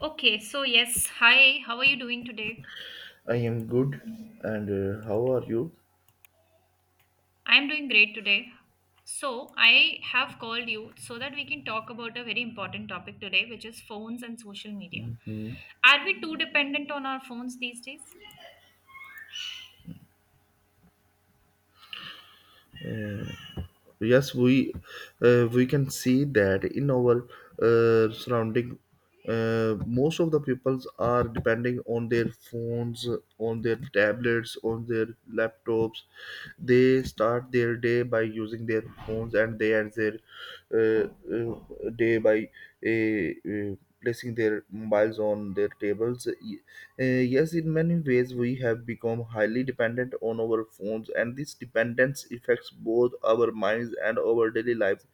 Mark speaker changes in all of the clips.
Speaker 1: Okay, so yes, hi, how are you doing today?
Speaker 2: I am good, and how are you?
Speaker 1: I'm doing great today. So, I have called you so that we can talk about a very important topic today, which is phones and social media.
Speaker 2: Mm.
Speaker 1: Are we too dependent on our phones these days?
Speaker 2: Yes, we can see that in our surrounding, most of the peoples are depending on their phones, on their tablets, on their laptops. They start their day by using their phones, and they end their day by a. placing their mobiles on their tables. Yes, in many ways, we have become highly dependent on our phones, and this dependence affects both our minds and our daily lives.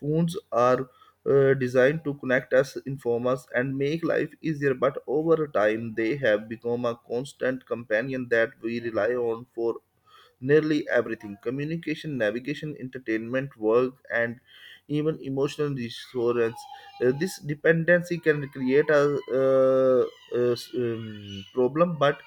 Speaker 2: Phones are designed to connect us, inform us, and make life easier, but over time, they have become a constant companion that we rely on for nearly everything: communication, navigation, entertainment, work, and even emotional reassurance. This dependency can create a, uh, problem, but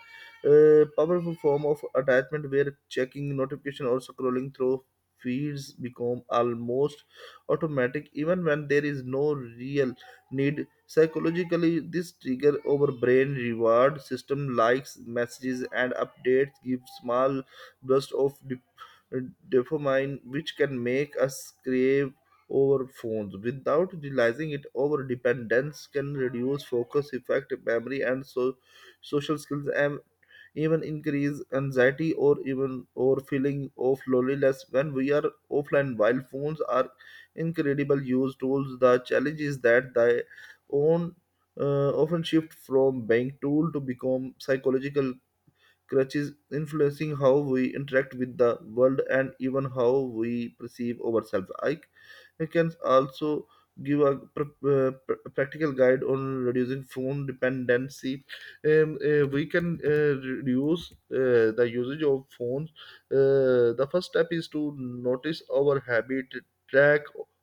Speaker 2: a powerful form of attachment where checking notification or scrolling through feeds become almost automatic even when there is no real need. Psychologically, this trigger over brain reward system. Likes, messages, and updates give small burst of dopamine, which can make us crave over phones without realizing it. Over dependence can reduce focus, effect memory, and so social skills, and even increase anxiety, or even, or feeling of loneliness when we are offline. While phones are incredible use tools, the challenge is that they own often shift from being tool to become psychological crutches, influencing how we interact with the world and even how we perceive ourselves. I can also give a practical guide on reducing phone dependency. We can reduce the usage of phones. The first step is to notice our habit, track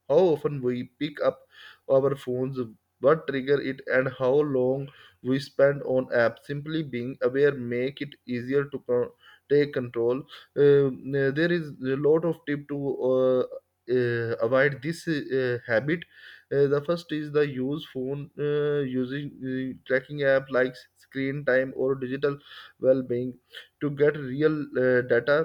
Speaker 2: how often we pick up our phones, what trigger it, and how long we spend on apps. Simply being aware make it easier to take control. There is a lot of tip to uh, avoid this habit. The first is the use phone using tracking app like screen time or digital well-being to get real data.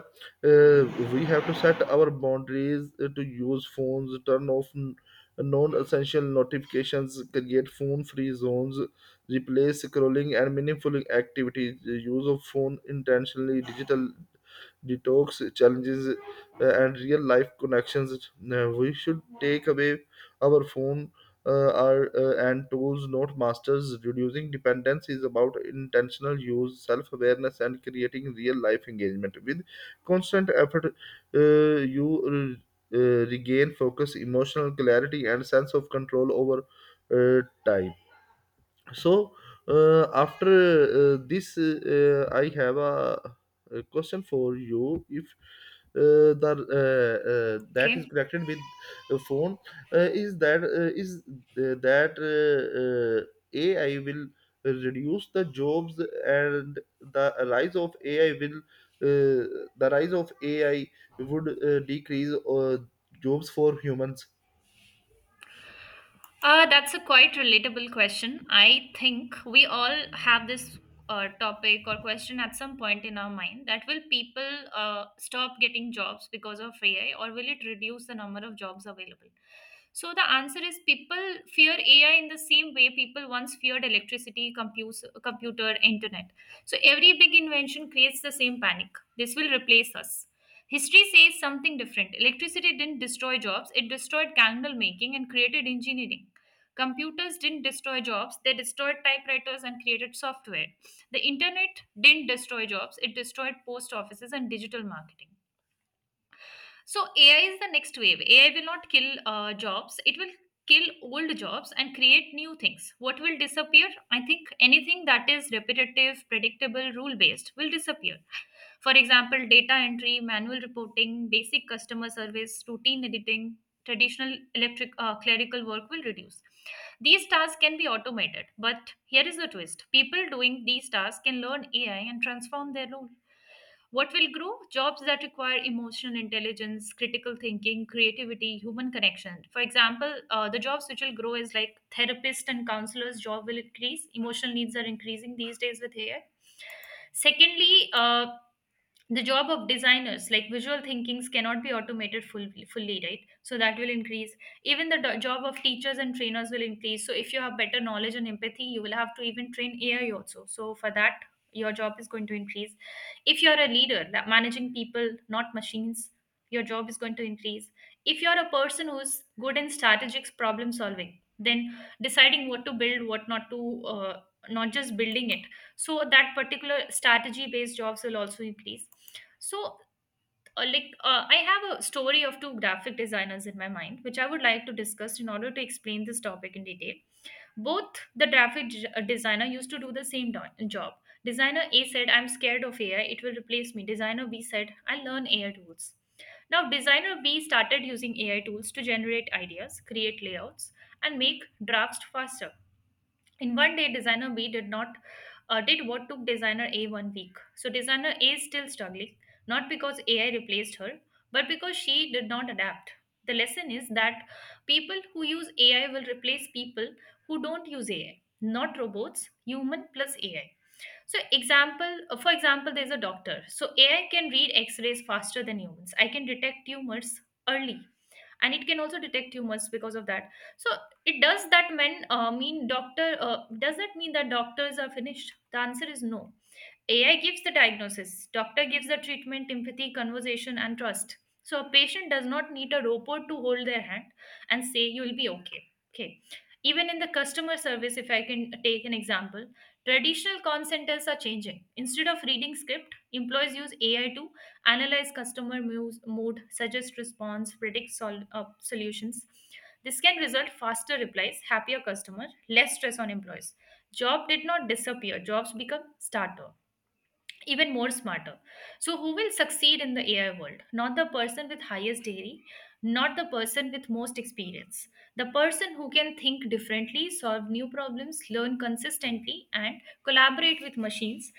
Speaker 2: uh, we have to set our boundaries to use phones. Turn off non-essential notifications, create phone-free zones, replace scrolling and meaningful activities. The use of phone intentionally, digital detox challenges, and real life connections. We should take away our phone. Are and tools not masters. Reducing dependence is about intentional use, self-awareness, and creating real life engagement with constant effort. You regain focus, emotional clarity, and sense of control over uh, time. So after this I have a question for you. If the that is
Speaker 1: Okay.
Speaker 2: connected with a phone, is that AI will reduce the jobs, and the rise of AI will the rise of AI would decrease jobs for humans.
Speaker 1: That's a quite relatable question. I think we all have this topic or question at some point in our mind that will people stop getting jobs because of AI, or will it reduce the number of jobs available? So the answer is people fear AI in the same way people once feared electricity, computer, internet. So every big invention creates the same panic. This will replace us. History says something different. Electricity didn't destroy jobs, it destroyed candle making and created engineering. Computers didn't destroy jobs, they destroyed typewriters and created software. The internet didn't destroy jobs, it destroyed post offices and digital marketing. So, AI is the next wave. AI will not kill jobs, it will kill old jobs and create new things. What will disappear? I think anything that is repetitive, predictable, rule based will disappear. For example, data entry, manual reporting, basic customer service, routine editing, traditional electric clerical work will reduce. These tasks can be automated, but here is the twist. People doing these tasks can learn AI and transform their role. What will grow? Jobs that require emotional intelligence, critical thinking, creativity, human connection. For example, the jobs which will grow is like therapist and counselors' job will increase. Emotional needs are increasing these days with AI. Secondly, the job of designers like visual thinkings cannot be automated fully, right? So that will increase. Even the job of teachers and trainers will increase. So if you have better knowledge and empathy, you will have to even train AI also, so for that your job is going to increase. If you're a leader that managing people, not machines, your job is going to increase. If you're a person who's good in strategic problem solving, then deciding what to build, what not to, not just building it, so that particular strategy based jobs will also increase. So like I have a story of two graphic designers in my mind which I would like to discuss in order to explain this topic in detail. Both the designer used to do the same job. Designer A said, "I'm scared of AI, it will replace me." Designer B said, "I'll learn AI tools." Now designer B started using AI tools to generate ideas, create layouts, and make drafts faster. In 1 day, designer B did not did what took designer A 1 week. So designer A is still struggling, not because AI replaced her, but because she did not adapt. The lesson is that people who use AI will replace people who don't use AI, not robots, human plus AI. So example, for example, there's a doctor. So AI can read X-rays faster than humans. I can detect tumors early, and it can also detect tumors because of that. So it does that men mean doctor does that mean that doctors are finished? The answer is no. AI gives the diagnosis, doctor gives the treatment, empathy, conversation, and trust. So a patient does not need a robot to hold their hand and say you'll be okay. Okay. Even in the customer service, if I can take an example, traditional call centers are changing. Instead of reading script, employees use AI to analyze customer mood, suggest response, predict solutions. This can result faster replies, happier customer, less stress on employees. Job did not disappear. Jobs become starter, even more smarter. So, who will succeed in the AI world? Not the person with highest degree, not the person with most experience. The person who can think differently, solve new problems, learn consistently, and collaborate with machines.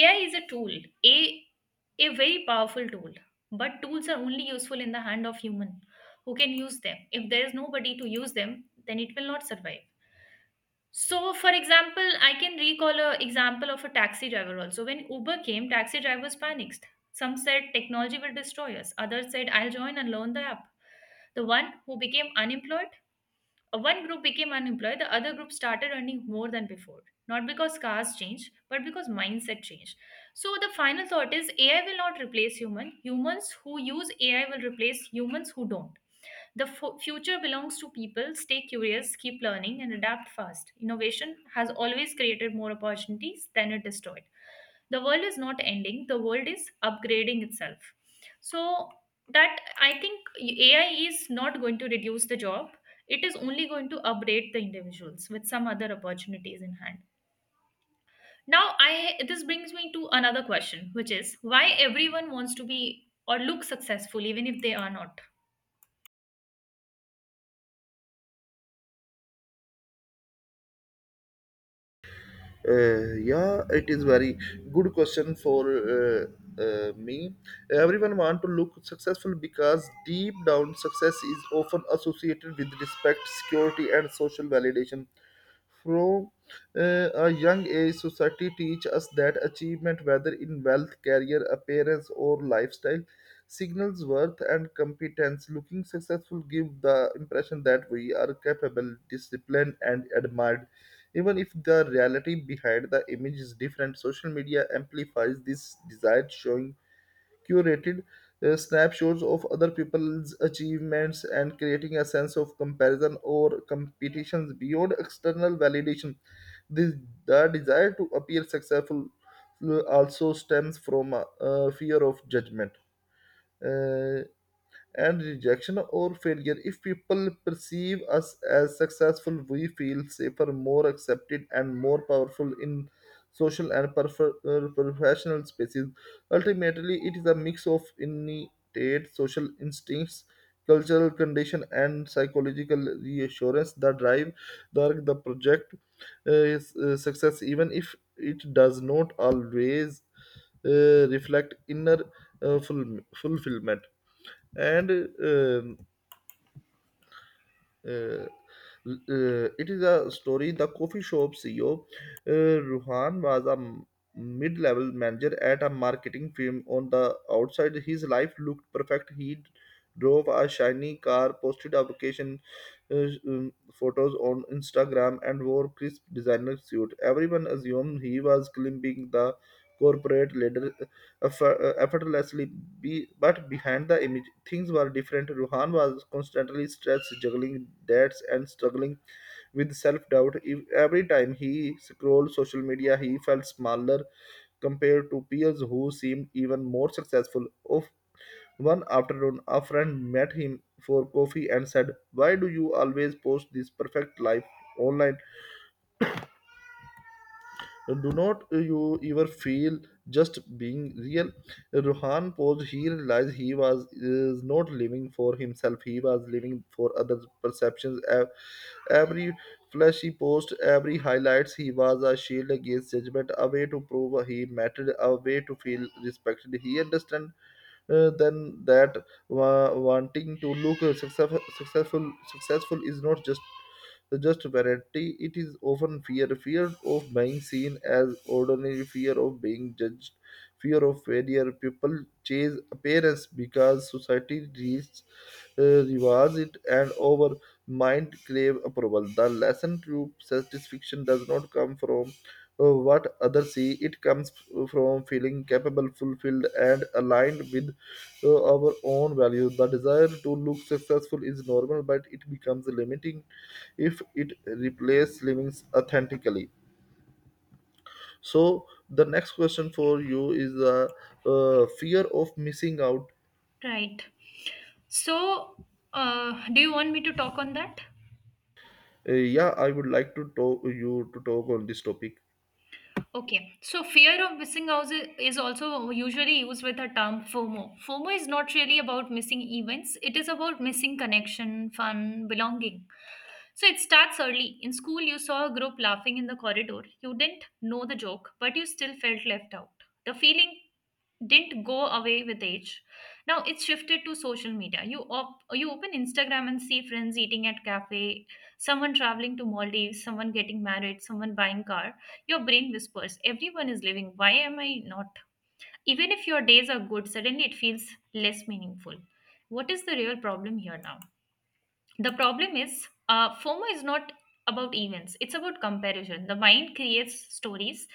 Speaker 1: AI is a tool, a, a very powerful tool, but tools are only useful in the hand of human who can use them. If there is nobody to use them, then it will not survive. So, for example, I can recall a example of a taxi driver also. When Uber came, taxi drivers panicked. Some said technology will destroy us. Others said I'll join and learn the app. The one who became unemployed, One group became unemployed, the other group started earning more than before. Not because cars changed, but because mindset changed. So the final thought is AI will not replace human. Humans who use AI will replace humans who don't. The future belongs to people. Stay curious, keep learning, and adapt fast. Innovation has always created more opportunities than it destroyed. The world is not ending, the world is upgrading itself. So, that I think AI is not going to reduce the job, it is only going to upgrade the individuals with some other opportunities in hand. Now, I this brings me to another question, which is why everyone wants to be or look successful even if they are not.
Speaker 2: Yeah, it is very good question for me. Everyone want to look successful because deep down success is often associated with respect, security, and social validation. From a young age, society teach us that achievement, whether in wealth, career, appearance, or lifestyle, signals worth and competence. Looking successful give the impression that we are capable, disciplined, and admired even if the reality behind the image is different. Social media amplifies this desire, showing curated snapshots of other people's achievements and creating a sense of comparison or competitions beyond external validation. This, the desire to appear successful also stems from a fear of judgment. Uh, and rejection or failure. If people perceive us as successful, we feel safer, more accepted, and more powerful in social and professional spaces. Ultimately, it is a mix of innate social instincts, cultural condition, and psychological reassurance that drive the project, is, success, even if it does not always reflect inner fulfillment and uh, it is a story, the coffee shop CEO. Ruhan was a mid-level manager at a marketing firm. On the outside, his life looked perfect. He drove a shiny car, posted a vacation photos on Instagram, and wore crisp designer suit. Everyone assumed he was climbing the corporate ladder effortlessly. But behind the image, things were different. Ruhan was constantly stressed, juggling debts and struggling with self-doubt. Every time he scrolled social media, he felt smaller compared to peers who seemed even more successful. Of one afternoon, a friend met him for coffee and said, why do you always post this perfect life online? Do not you ever feel just being real? Ruhan paused. He realized he was is not living for himself. He was living for others' perceptions. Every flashy post, every highlights he was a shield against judgment, a way to prove he mattered, a way to feel respected. He understand then that wanting to look successful is not just the just variety. It is often fear of being seen as ordinary, fear of being judged, fear of failure. People chase appearance because society reads, rewards it and our mind crave approval. The lesson to satisfaction does not come from what others see, it comes from feeling capable, fulfilled, and aligned with our own values. The desire to look successful is normal, but it becomes limiting if it replaces living authentically. So, the next question for you is the fear of missing out.
Speaker 1: Right. So, do you want me to talk on that?
Speaker 2: Yeah, I would like to talk you to talk on this topic.
Speaker 1: Okay. So, fear of missing out is also usually used with the term FOMO. FOMO is not really about missing events, it is about missing connection, fun, belonging. So, it starts early. In school, you saw a group laughing in the corridor. You didn't know the joke, but you still felt left out. The feeling didn't go away with age. Now it's shifted to social media. You you open Instagram and see friends eating at cafe, someone traveling to Maldives, someone getting married, someone buying car. Your brain whispers, everyone is living. Why am I not? Even if your days are good, suddenly it feels less meaningful. What is the real problem here now? The problem is, FOMO is not about events, it's about comparison. The mind creates stories.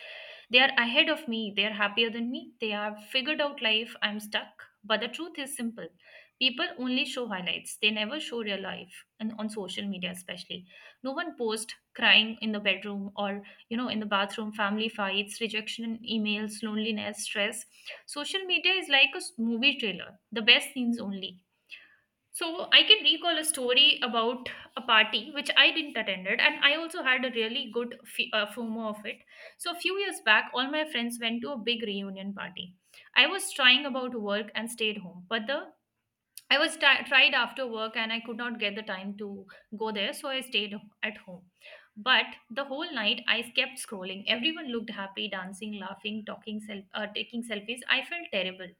Speaker 1: They are ahead of me, they are happier than me, they have figured out life, I'm stuck. But the truth is simple, people only show highlights, they never show real life. And on social media especially, no one posts crying in the bedroom or, in the bathroom, family fights, rejection emails, loneliness, stress. Social media is like a movie trailer, the best scenes only. So I can recall a story about a party which I didn't attended, and I also had a really good FOMO of it. So a few years back, all my friends went to a big reunion party. I was trying about work and stayed home, but the I was ti tried after work and I could not get the time to go there, so I stayed at home. But the whole night I kept scrolling. Everyone looked happy, dancing, laughing, talking, taking selfies. I felt terrible.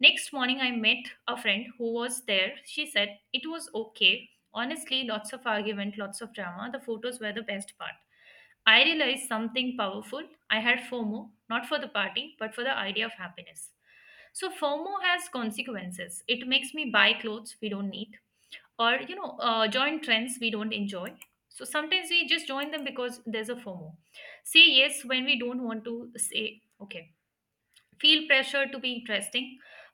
Speaker 1: Next morning, I met a friend who was there. She said it was okay. Honestly, lots of argument, lots of drama. The photos were the best part. I realized something powerful. I had FOMO, not for the party, but for the idea of happiness. So, FOMO has consequences. It makes me buy clothes we don't need, or, join trends we don't enjoy. So, sometimes we just join them because there's a FOMO. Say yes when we don't want to, say okay, feel pressure to be interesting.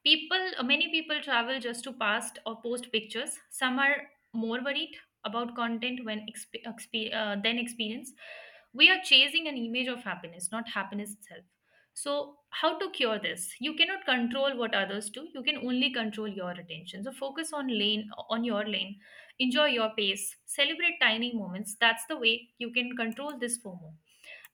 Speaker 1: People Many people travel just to past or post pictures. Some are more worried about content than experience. We are chasing an image of happiness, not happiness itself. So how to cure this? You cannot control what others do, you can only control your attention. So focus on lane on your lane, enjoy your pace, celebrate tiny moments. That's the way you can control this FOMO.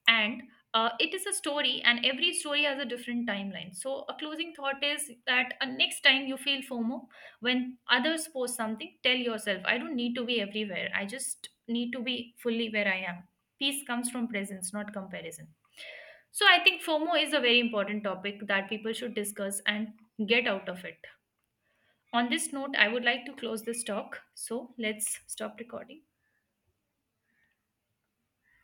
Speaker 1: And it is a story and every story has a different timeline. So a closing thought is that, next time you feel FOMO when others post something, tell yourself, I don't need to be everywhere, I just need to be fully where I am. Peace comes from presence, not comparison. So I think FOMO is a very important topic that people should discuss and get out of it. On this note, I would like to close this talk, so let's stop recording.